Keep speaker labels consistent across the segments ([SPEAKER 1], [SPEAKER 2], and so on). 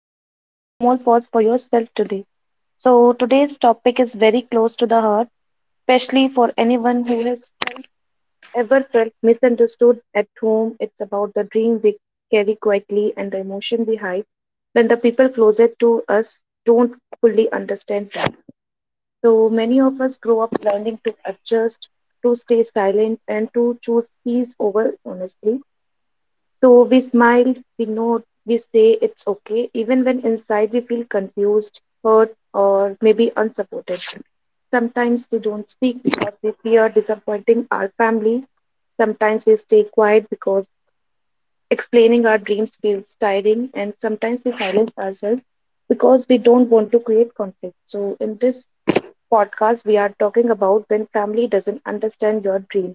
[SPEAKER 1] and taking a small pause for yourself today. So, today's topic is very close to the heart, especially for anyone who has ever felt misunderstood at home. It's about the dream we carry quietly and the emotion we hide when the people closer to us don't fully understand that. So, many of us grow up learning to adjust, to stay silent, and to choose peace over honesty. So we smile, we nod, we say it's okay, even when inside we feel confused, hurt, or maybe unsupported. Sometimes we don't speak because we fear disappointing our family. Sometimes we stay quiet because explaining our dreams feels tiring. And sometimes we silence ourselves because we don't want to create conflict. So, in this podcast, we are talking about when family doesn't understand your dreams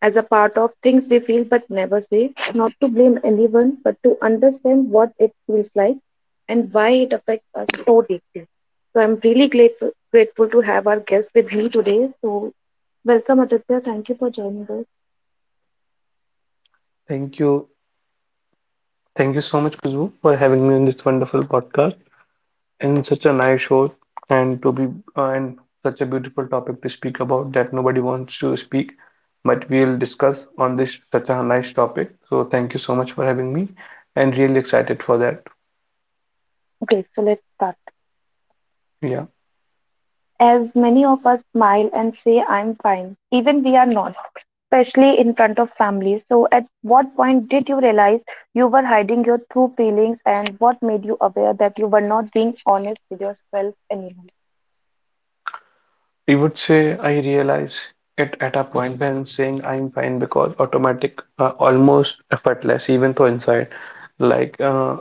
[SPEAKER 1] as a part of things we feel but never say, not to blame anyone, but to understand what it feels like and why it affects us so deeply. So I'm really grateful to have our guest with me today. So welcome, Aditya. Thank you for joining us.
[SPEAKER 2] Thank you. Thank you so much, Khushbu, for having me on this wonderful podcast and such a nice show and to be and such a beautiful topic to speak about that nobody wants to speak, but we'll discuss on this such a nice topic. So thank you so much for having me and really excited for that.
[SPEAKER 1] Okay, so let's start.
[SPEAKER 2] Yeah.
[SPEAKER 1] As many of us smile and say, I'm fine, even we are not, especially in front of family. So, at what point did you realize you were hiding your true feelings, and what made you aware that you were not being honest with yourself anymore?
[SPEAKER 2] I would say I realize it at a point when saying I'm fine because automatic, almost effortless, even though inside. Like uh,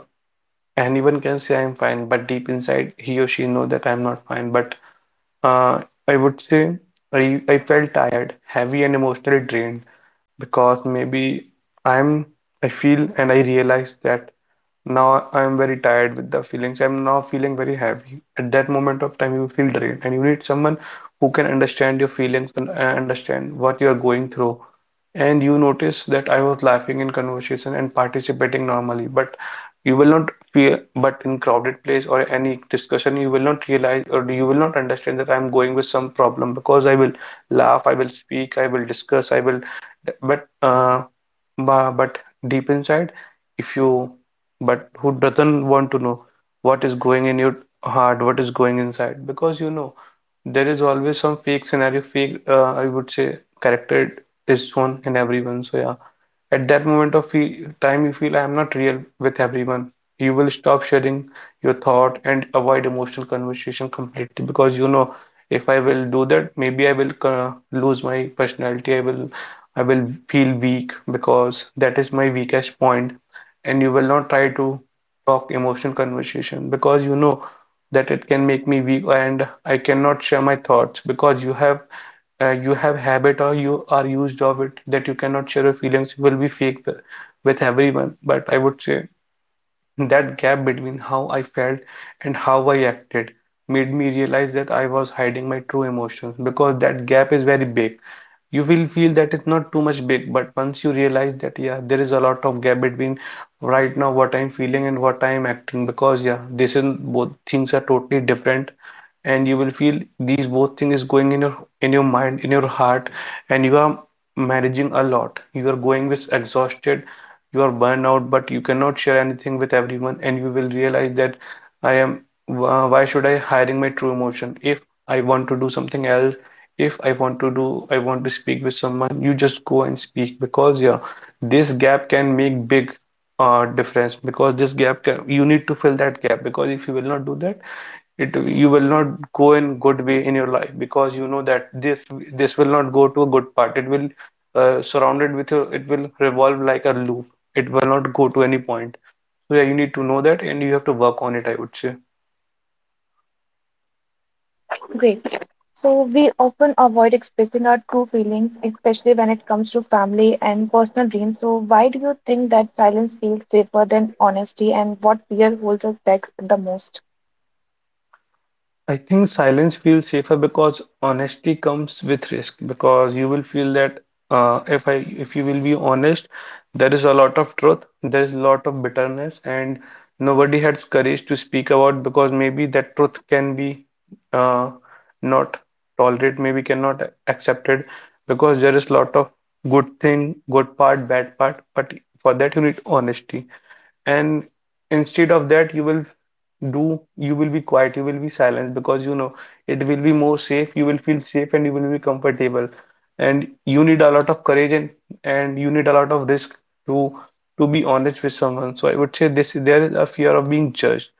[SPEAKER 2] Anyone can say I'm fine, but deep inside, he or she know that I'm not fine. But uh, I would say I felt tired, heavy, and emotionally drained because maybe I'm I feel and I realize that now I'm very tired with the feelings. I'm now feeling very heavy. At that moment of time, you feel drained, and you need someone who can understand your feelings and understand what you're going through. And you notice that I was laughing in conversation and participating normally, but you will not but in crowded place or any discussion, you will not realize or you will not understand that I'm going with some problem because I will laugh, I will speak, I will discuss, I will but bu- but deep inside if you but who doesn't want to know what is going in your heart, what is going inside, because you know there is always some fake scenario, fake I would say character is shown in everyone. So yeah, at that moment of fe time you feel I am not real with everyone. You will stop sharing your thought and avoid emotional conversation completely because you know if I will do that, maybe I will lose my personality. I will feel weak because that is my weakest point, and you will not try to talk emotional conversation because you know that it can make me weak and I cannot share my thoughts because you have habit or you are used of it that you cannot share your feelings. You will be fake with everyone. But I would say that gap between how I felt and how I acted made me realize that I was hiding my true emotions because that gap is very big. You will feel that it's not too much big, but once you realize that, yeah, there is a lot of gap between right now what I'm feeling and what I'm acting because yeah, this is both things are totally different, and you will feel these both things is going in your mind, in your heart, and you are managing a lot. You are going with exhausted, you are burned out, but you cannot share anything with everyone. And you will realize that i am why should I hiding my true emotion? If I want to do something else, if I want to do, I want to speak with someone, you just go and speak because yeah, this gap can make big difference because you need to fill that gap because if you will not do that, it you will not go in good way in your life because you know that this will not go to a good part. It will surrounded with your, it will revolve like a loop. It will not go to any point. So yeah, you need to know that and you have to work on it, I would say.
[SPEAKER 1] Great. So, we often avoid expressing our true feelings, especially when it comes to family and personal dreams. So, why do you think that silence feels safer than honesty, and what fear holds us back the most?
[SPEAKER 2] I think silence feels safer because honesty comes with risk because you will feel that uh, if I if you will be honest, there is a lot of truth, there is a lot of bitterness, and nobody has courage to speak about because maybe that truth can be uh, not tolerated, maybe cannot accepted because there is a lot of good thing, good part, bad part, but for that you need honesty. And instead of that you will do you will be quiet, you will be silent because you know it will be more safe. You will feel safe and you will be comfortable. And you need a lot of courage, and you need a lot of risk to to be honest with someone. So I would say this, there is a fear of being judged,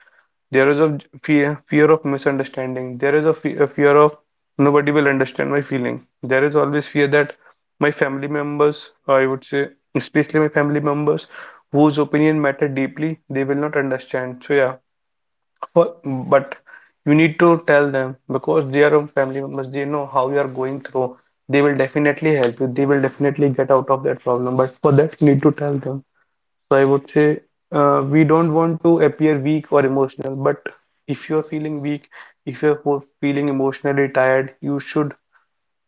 [SPEAKER 2] there is a fear of misunderstanding. There is a, fe a fear of nobody will understand my feeling. There is always fear that my family members, I would say, especially my family members, whose opinion matter deeply, they will not understand. So yeah, but you need to tell them because they are your family members. They know how you are going through. They will definitely help you. They will definitely get out of that problem. But for that, you need to tell them. So I would say we don't want to appear weak or emotional, but if you're feeling weak, if you're feeling emotionally tired, you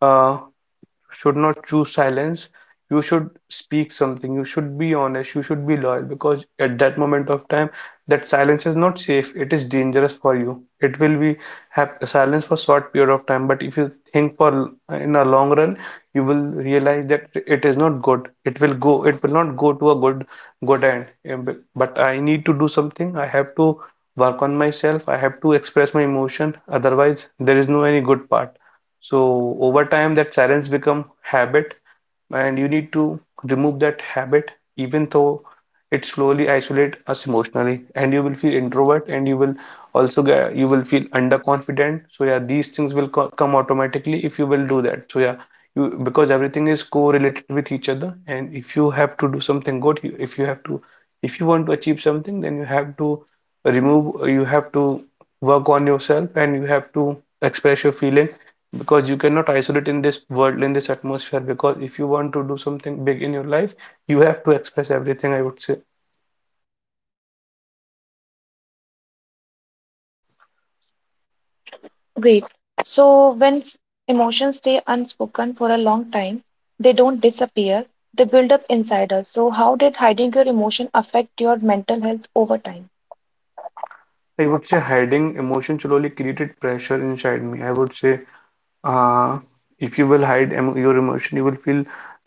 [SPEAKER 2] uh, should not choose silence. You should speak something. You should be honest. You should be loyal because at that moment of time, that silence is not safe. It is dangerous for you. It will be have silence for short period of time, but if you think for in a long run, you will realize that it is not good. It will not go to a good end. Yeah, but I need to do something. I have to work on myself. I have to express my emotion. Otherwise, there is no any good part. So over time, that silence become habit, and you need to remove that habit, even though it slowly isolate us emotionally, and you will feel introvert, and you will feel underconfident. So yeah, these things will co come automatically if you will do that. So yeah, you because everything is correlated with each other, and if you have to do something good, you, if you have to, if you want to achieve something, then you have to work on yourself, and you have to express your feeling because you cannot isolate in this world, in this atmosphere, because if you want to do something big in your life, you have to express everything, I would say.
[SPEAKER 1] Great. So when emotions stay unspoken for a long time, they don't disappear, they build up inside us. So how did hiding your emotion affect your mental health over time?
[SPEAKER 2] I would say hiding emotion slowly created pressure inside me. I would say uh, if you will hide your emotion, you will feel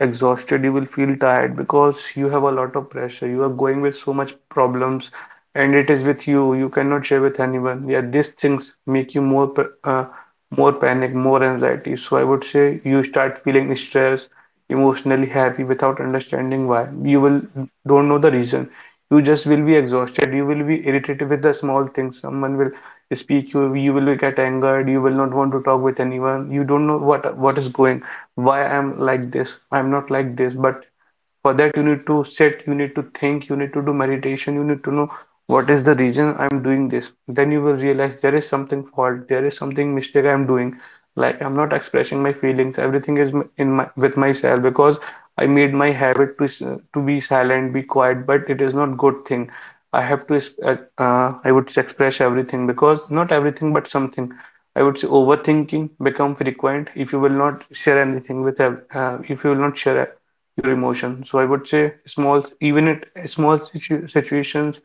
[SPEAKER 2] exhausted, you will feel tired because you have a lot of pressure, you are going with so much problems, and it is with you, you cannot share with anyone. Yeah, these things make you more more panic, more anxiety. So I would say you start feeling stressed, emotionally heavy without understanding why. You will don't know the reason. You just will be exhausted, you will be irritated with the small things. Someone will speak you, you will get angered, you will not want to talk with anyone. You don't know what is going, why I'm like this, I'm not like this. But for that you need to sit, you need to think, you need to do meditation, you need to know what is the reason I'm doing this. Then you will realize there is something fault, there is something mistake I'm doing, like I'm not expressing my feelings. Everything is in my with myself because I made my habit to be silent, be quiet. But it is not good thing. I have to, uh, I would express everything because not everything but something. I would say overthinking become frequent if you will not share anything with, if you will not share e-, your emotion. So I would say small, even at small situations,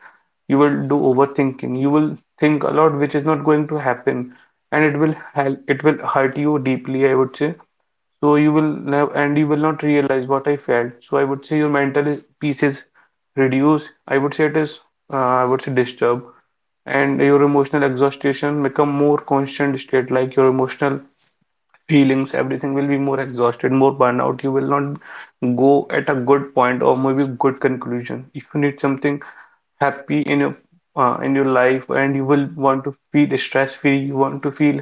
[SPEAKER 2] you will do overthinking. You will think a lot, which is not going to happen, and it will hurt you deeply, I would say. So you will not realize what I felt. So I would say your peace is reduced. I would say it is, I would say disturbed, and your emotional exhaustion become more constant state. Like your emotional feelings, everything will be more exhausted, more burnout. You will not go at a good point or maybe good conclusion. If you need something happy in your life, and you will want to feel stress free, you want to feel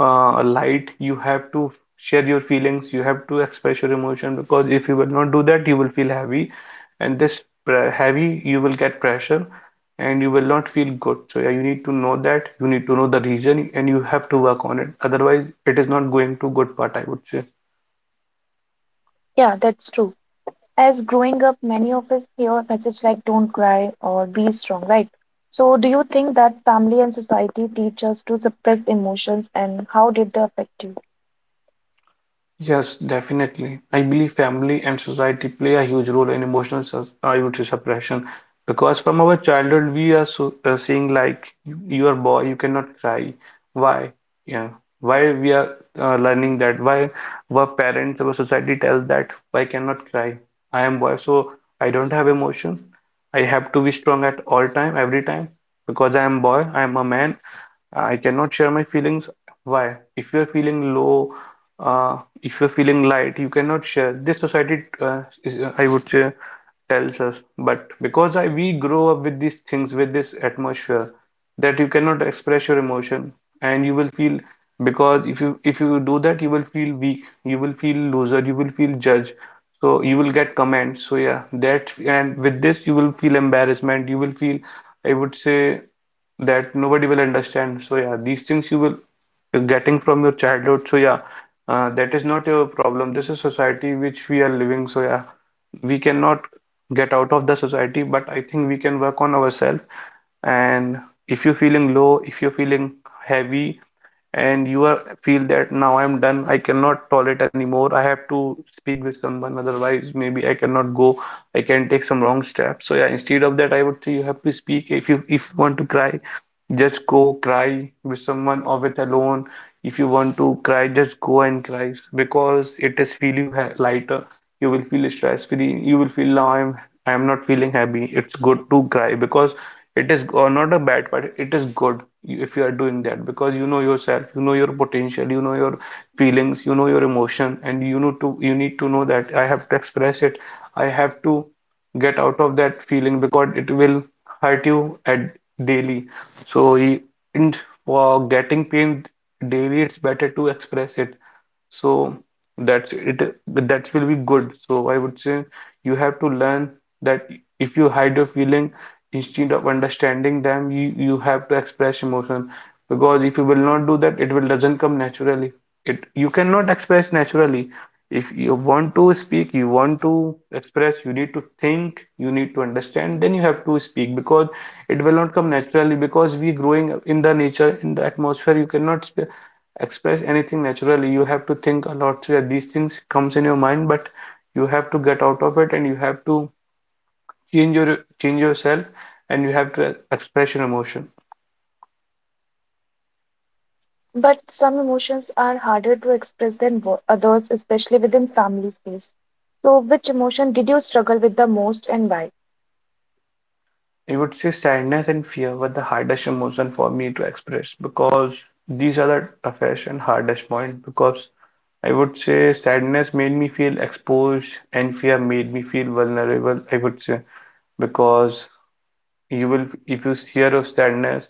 [SPEAKER 2] light, you have to share your feelings, you have to express your emotion because if you will not do that, you will feel heavy, and heavy you will get pressure, and you will not feel good. So yeah, you need to know that, you need to know the reason and you have to work on it. Otherwise, it is not going to good part, I would say.
[SPEAKER 1] Yeah, that's true. As growing up, many of us hear messages like don't cry or be strong, right? So do you think that family and society teach us to suppress emotions and how did they affect you?
[SPEAKER 2] Yes, definitely. I believe family and society play a huge role in emotional I would say suppression, because from our childhood we are seeing like you are boy, you cannot cry. Why? Yeah. Why we are learning that? Why our parents, our society tells that I cannot cry. I am boy, so I don't have emotion. I have to be strong at all time, every time because I am boy, I am a man, I cannot share my feelings. Why? If you're feeling low, if you're feeling light, you cannot share. This society, is, I would say, tells us. But because we grow up with these things, with this atmosphere, that you cannot express your emotion, and you will feel, because if you do that, you will feel weak, you will feel loser, you will feel judged. So you will get comments. So yeah, that, and with this you will feel embarrassment. You will feel, I would say, that nobody will understand. So yeah, these things you're getting from your childhood. So yeah, that is not your problem. This is society which we are living. So yeah, we cannot get out of the society, but I think we can work on ourselves. And if you're feeling low, if you're feeling heavy, and you are feel that now I'm done, I cannot tolerate anymore, I have to speak with someone, otherwise maybe I cannot go, I can take some wrong steps. So yeah, instead of that, I would say you have to speak. If you want to cry, just go cry with someone or with alone. If you want to cry, just go and cry because it is feel you lighter, you will feel stress free, you will feel now I'm not feeling happy. It's good to cry, because it is or not a bad part. It is good. If you are doing that, because you know yourself, you know your potential, you know your feelings, you know your emotion, and you know to you need to know that I have to express it. I have to get out of that feeling because it will hurt you at daily. So y- and for getting pain daily, it's better to express it. So that's it. That will be good. So I would say you have to learn that if you hide your feeling instead of understanding them, you have to express emotion, because if you will not do that, it will doesn't come naturally. It You cannot express naturally. If you want to speak, you want to express, you need to think, you need to understand, then you have to speak, because it will not come naturally, because we growing up in the nature, in the atmosphere you cannot sp express anything naturally, you have to think a lot. So yeah, these things comes in your mind, but you have to get out of it, and you have to change yourself and you have to express your emotion.
[SPEAKER 1] But some emotions are harder to express than others, especially within family space. So, which emotion did you struggle with the most and why?
[SPEAKER 2] I would say sadness and fear were the hardest emotion for me to express, because these are the toughest and hardest point. Because I would say sadness made me feel exposed, and fear made me feel vulnerable, I would say, because you will, if you share your sadness,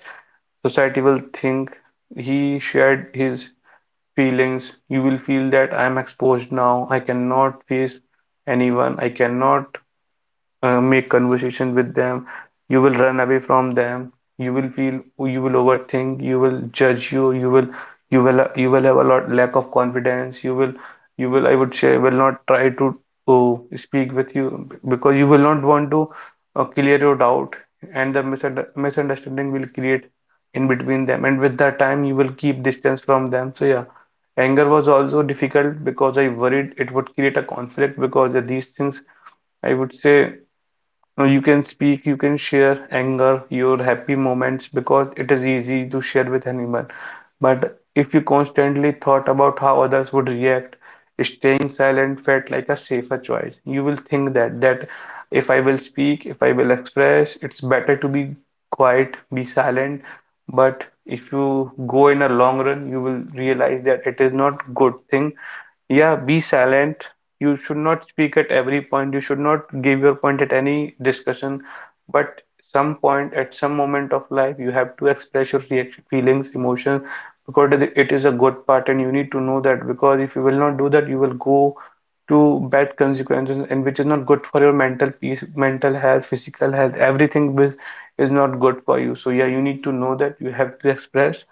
[SPEAKER 2] society will think he shared his feelings. You will feel that I am exposed now. I cannot face anyone. I cannot make conversation with them. You will run away from them. You will feel, you will overthink, you will judge you, you will have a lot, lack of confidence, you will I would say will not try to oh, speak with you, because you will not want to clear your doubt, and the misunderstanding will create in between them, and with that time you will keep distance from them. So yeah, anger was also difficult, because I worried it would create a conflict. Because these things, I would say, now you can speak, you can share anger, your happy moments, because it is easy to share with anyone. But if you constantly thought about how others would react, staying silent felt like a safer choice. You will think that if I will speak, if I will express, it's better to be quiet, be silent. But if you go in a long run, you will realize that it is not good thing, yeah, be silent. You should not speak at every point, you should not give your point at any discussion, but some point, at some moment of life, you have to express your reaction, feelings, emotions, because it is a good part, and you need to know that, because if you will not do that, you will go to bad consequences, and which is not good for your mental peace, mental health, physical health. Everything is not good for you. So yeah, you need to know that you have to express,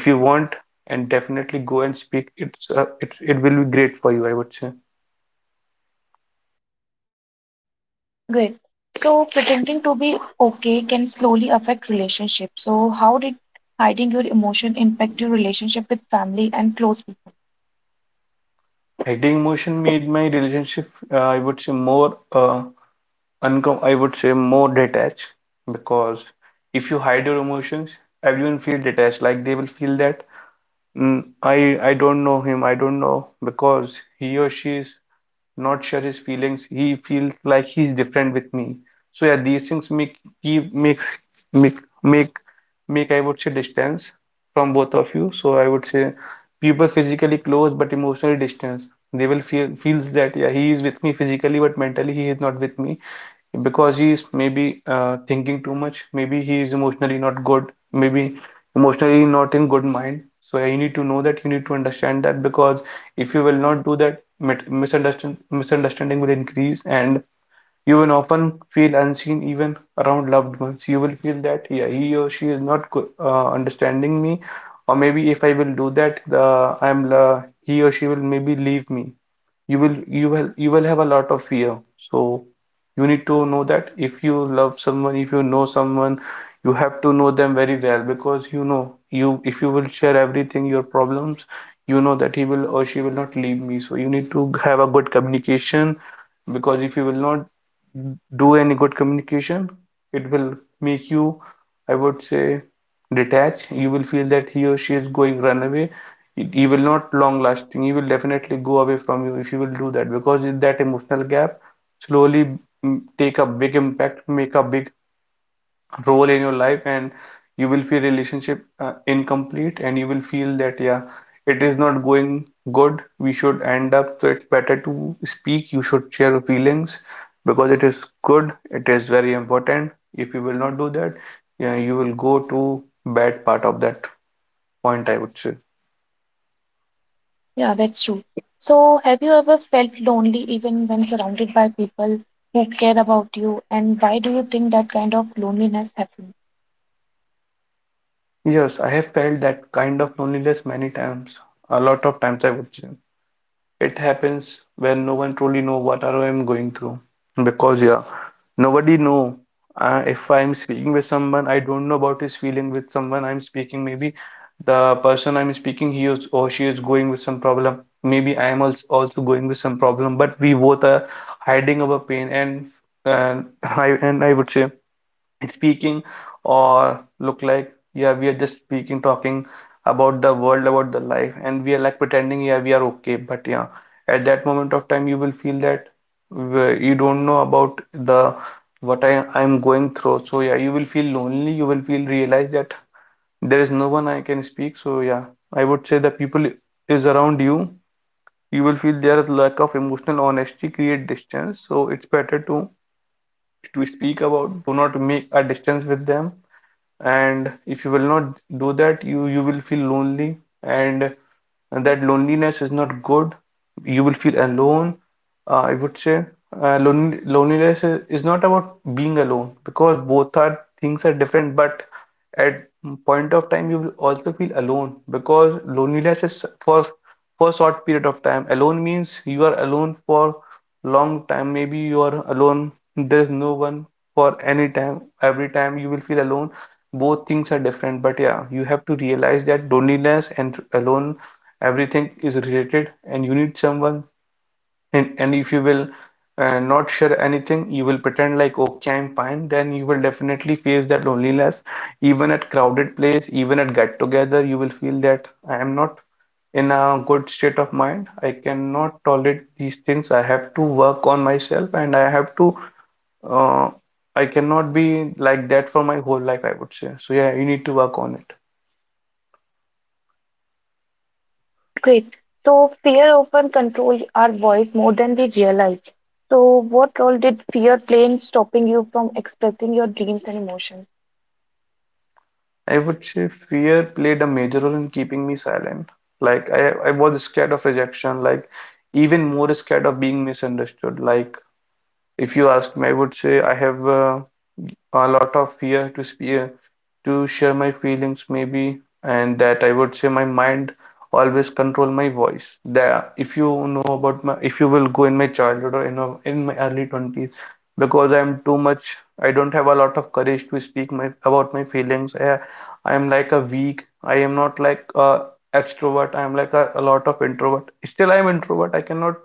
[SPEAKER 2] if you want, and definitely go and speak. It's it will be great for you, I would say.
[SPEAKER 1] Great. So pretending to be okay can slowly affect relationships. So how did hiding your emotion impact your relationship with family and close people?
[SPEAKER 2] Hiding emotion made my relationship, I would say, more uncom I would say more detached, because if you hide your emotions, everyone feel detached. Like they will feel that, mm, I don't know him. I don't know, because he or she is not sure his feelings. He feels like he's different with me. So yeah, these things make keep makes make make make I would say distance from both of you. So I would say people physically close but emotionally distance. They will feel feels that yeah, he is with me physically, but mentally he is not with me, because he is maybe thinking too much. Maybe he is emotionally not good. Maybe emotionally not in good mind. So yeah, you need to know that, you need to understand that, because if you will not do that, misunderstand, misunderstanding will increase, and you will often feel unseen even around loved ones. You will feel that yeah, he or she is not understanding me, or maybe if I will do that, the I'm he or she will maybe leave me. You will have a lot of fear. So you need to know that if you love someone, if you know someone, you have to know them very well, because you know you, if you will share everything, your problems, you know that he will or she will not leave me. So you need to have a good communication, because if you will not do any good communication, it will make you, I would say, detach. You will feel that he or she is going run away. He will not long lasting. He will definitely go away from you if you will do that, because in that emotional gap slowly, mm, take a big impact, make a big role in your life, and you will feel relationship incomplete, and you will feel that yeah, it is not going good, we should end up. So it's better to speak, you should share your feelings, because it is good, it is very important. If you will not do that, yeah, you will go to bad part of that point, I would say.
[SPEAKER 1] Yeah, that's true. So have you ever felt lonely even when surrounded by people who care about you? And why do you think that kind of loneliness happens?
[SPEAKER 2] Yes, I have felt that kind of loneliness many times, a lot of times, I would say. It happens when no one truly know what I am going through, because yeah, nobody know. If I'm speaking with someone, I don't know about his feeling, with someone I'm speaking, maybe the person I'm speaking he is or she is going with some problem, maybe I am also going with some problem, but we both are hiding our pain, and and I would say speaking, or look like yeah, we are just speaking, talking about the world, about the life, and we are like pretending yeah we are okay. But yeah, at that moment of time, you will feel that, you don't know about the what I'm going through. So yeah, you will feel lonely, you will feel, realize that there is no one I can speak. So yeah, I would say the people is around you, you will feel their lack of emotional honesty create distance. So it's better to speak about, do not make a distance with them, and if you will not do that, you will feel lonely, and and that loneliness is not good. You will feel alone, I would say, loneliness is not about being alone, because both are things are different, but at point of time you will also feel alone, because loneliness is for short period of time. Alone means you are alone for long time. Maybe you are alone, there's no one for any time. Every time you will feel alone. Both things are different, but yeah, you have to realize that loneliness and alone, everything is related, and you need someone and if you will not share anything. You will pretend like, okay, I'm fine, then you will definitely face that loneliness. Even at crowded place, even at get together, you will feel that I am not in a good state of mind. I cannot tolerate these things. I have to work on myself and I have to, uh, I cannot be like that for my whole life, I would say. So yeah, you need to work on it.
[SPEAKER 1] Great. So fear often controls our voice more than we realize. So what role did fear play in stopping you from expressing your dreams and emotions?
[SPEAKER 2] I would say fear played a major role in keeping me silent. Like I was scared of rejection, like even more scared of being misunderstood. Like if you ask me, I would say I have a lot of fear to speak, to share my feelings maybe, and that I would say my mind always control my voice. That if you know about my, if you will go in my childhood or in my early 20s, because I'm too much, I don't have a lot of courage to speak my about my feelings. I, I'm like a weak. I am not like a extrovert. I'm like a lot of introvert. Still, I'm introvert. I cannot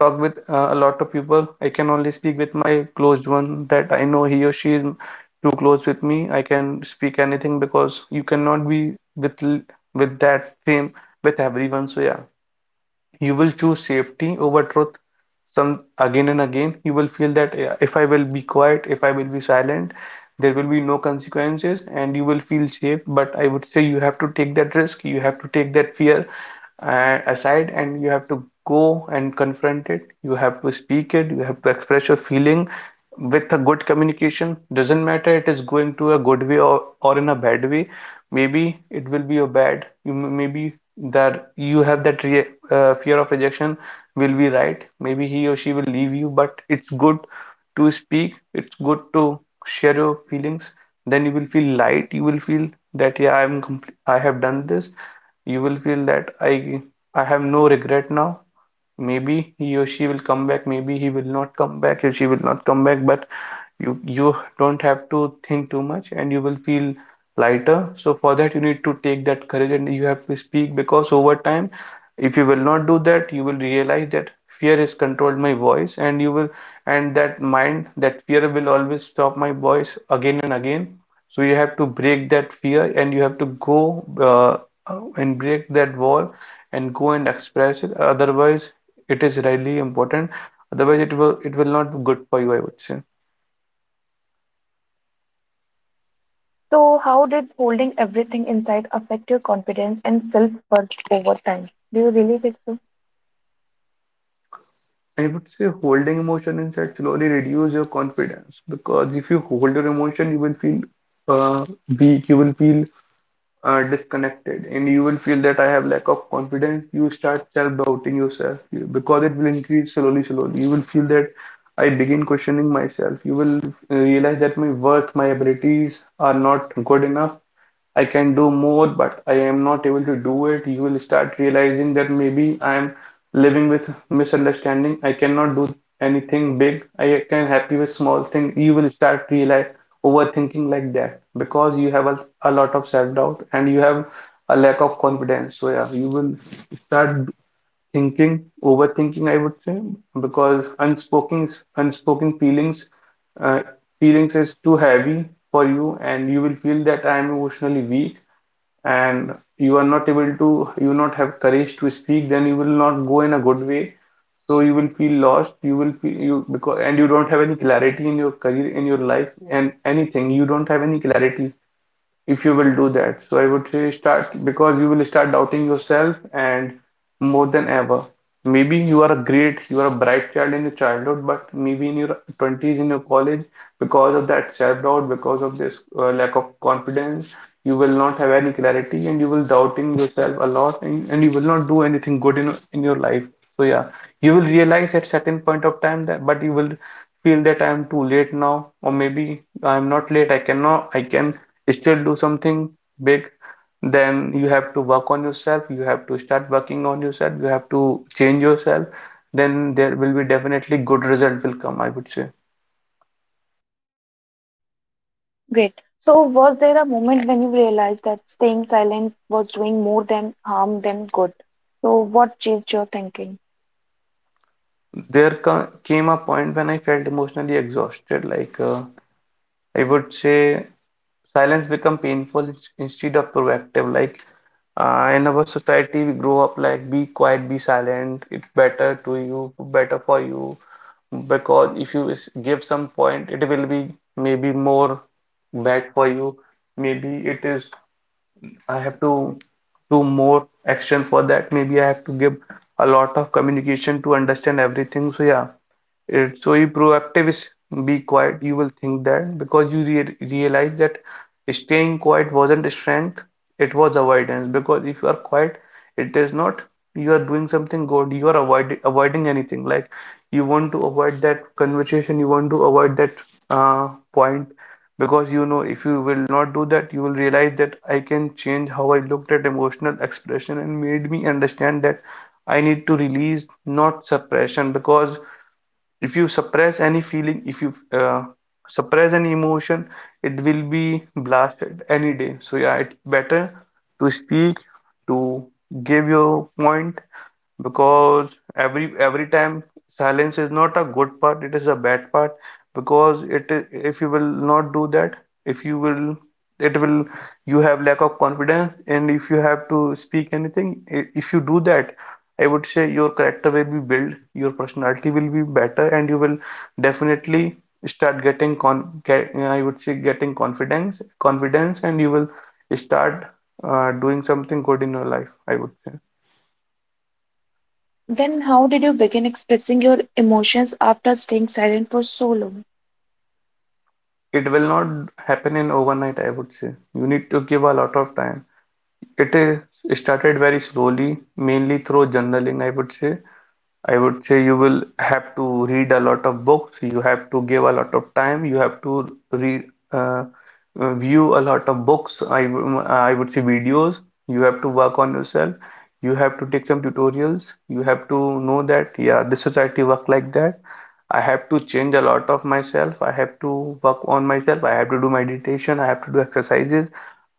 [SPEAKER 2] talk with a lot of people. I can only speak with my closed one that I know he or she is too close with me. I can speak anything because you cannot be with that same with everyone. So yeah, you will choose safety over truth. Some again and again, you will feel that, "Yeah, if I will be quiet, if I will be silent, there will be no consequences, and you will feel safe." But I would say you have to take that risk, you have to take that fear aside, and you have to go and confront it. You have to speak it, you have to express your feeling with a good communication. Doesn't matter it is going to a good way or in a bad way. Maybe it will be your bad you maybe that you have that re fear of rejection will be right. Maybe he or she will leave you, but it's good to speak, it's good to share your feelings, then you will feel light. You will feel that yeah, I'm complete, I have done this. You will feel that I have no regret now. Maybe he or she will come back, maybe he will not come back or she will not come back, but you don't have to think too much and you will feel lighter. So for that you need to take that courage and you have to speak, because over time, if you will not do that, you will realize that fear has controlled my voice. And you will and that mind, that fear will always stop my voice again and again. So you have to break that fear and you have to go and break that wall and go and express it. Otherwise, it is really important. Otherwise, it will not be good for you, I would say.
[SPEAKER 1] So how did holding everything inside affect your confidence and self-worth over time? Do you really think so?
[SPEAKER 2] I would say holding emotion instead slowly reduce your confidence, because if you hold your emotion, you will feel uh, weak, you will feel disconnected, and you will feel that I have lack of confidence. You start self-doubting because it will increase slowly, slowly. You will feel that I begin questioning myself. You will realize that my worth, my abilities are not good enough. I can do more, but I am not able to do it. You will start realizing that maybe I am living with misunderstanding. I cannot do anything big. I can happy with small thing. You will start realize overthinking like that, because you have a lot of self-doubt and you have a lack of confidence. So yeah, you will start thinking, overthinking, I would say, because unspoken feelings uh, feelings is too heavy for you, and you will feel that I am emotionally weak, and you are not able to, you not have courage to speak, then you will not go in a good way. So you will feel lost, you will feel you because and you don't have any clarity in your career, in your life, and anything. You don't have any clarity if you will do that. So I would say start because you will start doubting yourself and more than ever. Maybe you are a great, you are a bright child in your childhood, but maybe in your 20s, in your college, because of that self-doubt, because of this lack of confidence, you will not have any clarity and you will doubting yourself a lot and you will not do anything good in your life. So yeah, you will realize at certain point of time that, but you will feel that I am too late now, or maybe I am not late. I cannot, I can still do something big, then you have to work on yourself, you have to start working on yourself, you have to change yourself, then there will be definitely good result will come, I would say.
[SPEAKER 1] Great. So was there a moment when you realized that staying silent was doing more than harm than good? So what changed your thinking?
[SPEAKER 2] Came a point when I felt emotionally exhausted, like I would say silence become painful instead of proactive. Like in our society we grow up like be quiet, be silent, it's better to you better for you, because if you give some point it will be maybe more bad for you. Maybe it is I have to do more action for that. Maybe I have to give a lot of communication to understand everything. So yeah, it, so you proactive is be quiet. You will think that because you realize that staying quiet wasn't strength, it was avoidance. Because if you are quiet, it is not you are doing something good, you are avoiding anything. Like you want to avoid that conversation, you want to avoid that point, because you know if you will not do that, you will realize that I can change how I looked at emotional expression and made me understand that I need to release, not suppression. Because if you suppress any feeling, if you suppress any emotion, it will be blasted any day. So yeah, it's better to speak, to give your point, because every time silence is not a good part, it is a bad part. Because if you will not do that, if you will it will you have lack of confidence, and if you have to speak anything, if you do that, I would say your character will be built, your personality will be better, and you will definitely start getting I would say getting confidence and you will start doing something good in your life, I would say.
[SPEAKER 1] Then how did you begin expressing your emotions after staying silent for so long?
[SPEAKER 2] It will not happen in overnight, I would say. You need to give a lot of time. It is started very slowly, mainly through journaling, I would say. I would say you will have to read a lot of books, you have to give a lot of time, you have to read, uh, view a lot of books, I would say videos, you have to work on yourself, you have to take some tutorials, you have to know that, yeah, this society work like that. I have to change a lot of myself, I have to work on myself, I have to do meditation, I have to do exercises,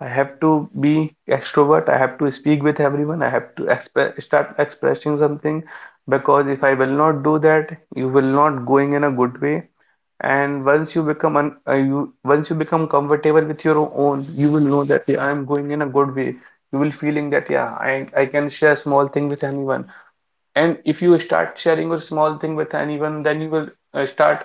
[SPEAKER 2] I have to be extrovert, I have to speak with everyone, I have to exp start expressing something, because if I will not do that, you will not going in a good way. And once you become un you once you become comfortable with your own, you will know that yeah, I am going in a good way. You will feeling that yeah, I can share small thing with anyone. And if you start sharing your small thing with anyone, then you will start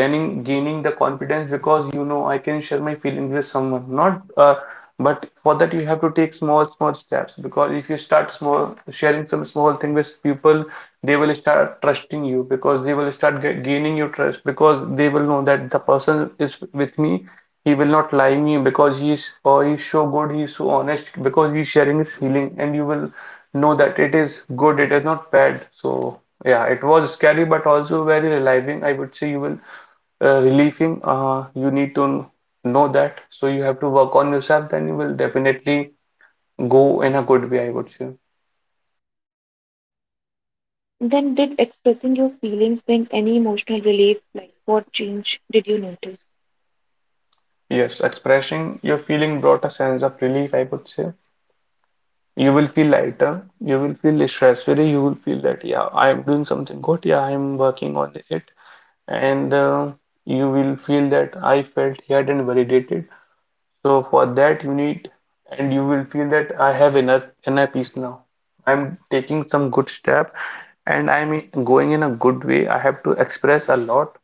[SPEAKER 2] gaining the confidence, because you know I can share my feelings with someone. Not, but for that you have to take small small steps, because if you start small sharing some small thing with people, they will start trusting you, because they will start ga gaining your trust, because they will know that the person is with me. He will not lie me because he is or he's so good, he is so honest, because he's sharing his feeling and you will know that it is good, it is not bad. So yeah, it was scary but also very relieving. I would say you will relieving. You need to know that. So you have to work on yourself, then you will definitely go in a good way, I would say.
[SPEAKER 1] Then, did expressing your feelings bring any emotional relief? Like, what change did you notice?
[SPEAKER 2] Yes, expressing your feeling brought a sense of relief, I would say. You will feel lighter, you will feel stress free, you will feel that yeah, I am doing something good, yeah, I am working on it, and you will feel that I felt heard and validated. So for that you need and you will feel that I have enough inner peace now. I'm taking some good step and I'm going in a good way. I have to express a lot.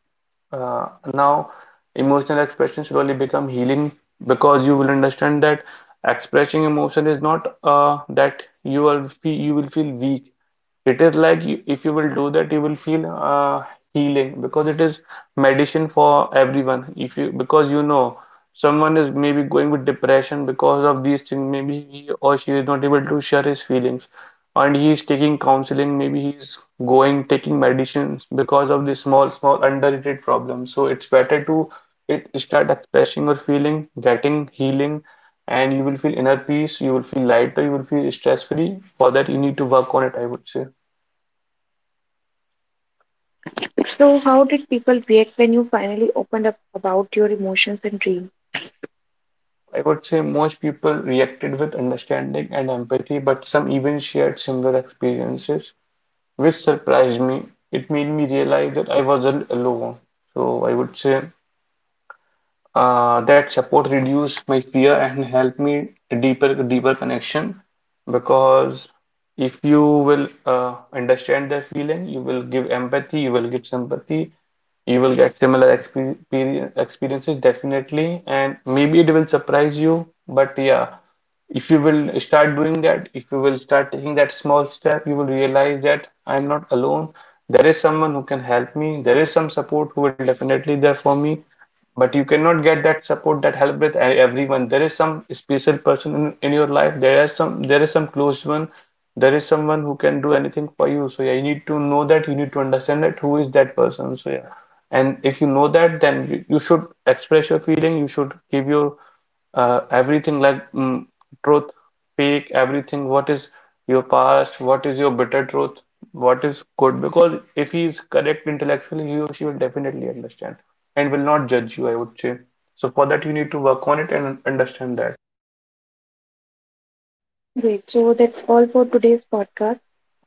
[SPEAKER 2] Uh, Now, emotional expression slowly become healing, because you will understand that expressing emotion is not that you will feel weak. It is like you, if you will do that, you will feel healing because it is medicine for everyone. If you because you know someone is maybe going with depression because of these things, maybe he or she is not able to share his feelings and he is taking counseling, maybe he's going taking medicines because of this small small underrated problem. So it's better to it start expressing your feeling, getting healing, and you will feel inner peace, you will feel lighter, you will feel stress free. For that you need to work on it, I would say.
[SPEAKER 1] So, how did people react when you finally opened up about your emotions and dreams?
[SPEAKER 2] I would say most people reacted with understanding and empathy, but some even shared similar experiences which surprised me. It made me realize that I wasn't alone. So I would say that support reduced my fear and helped me deeper connection. Because if you will understand their feeling, you will give empathy, you will give sympathy, you will get similar experience, experiences definitely, and maybe it will surprise you. But yeah, if you will start doing that, if you will start taking that small step, you will realize that I'm not alone. There is someone who can help me. There is some support who will definitely there for me, but you cannot get that support, that help with everyone. There is some special person in your life, there is some, there is some close one, there is someone who can do anything for you. So yeah, you need to know that, you need to understand that who is that person. So yeah, and if you know that, then you should express your feeling, you should give your everything like truth, fake, everything, what is your past, what is your bitter truth, what is good, because if he is correct intellectually, he or she will definitely understand and will not judge you, I would say. So for that you need to work on it and understand that.
[SPEAKER 1] Great. So, that's all for today's podcast.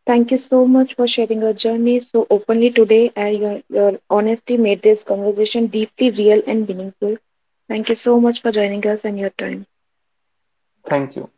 [SPEAKER 1] Thank you so much for sharing your journey so openly today, and your honesty made this conversation deeply real and meaningful. Thank you so much for joining us and your time.
[SPEAKER 2] Thank you.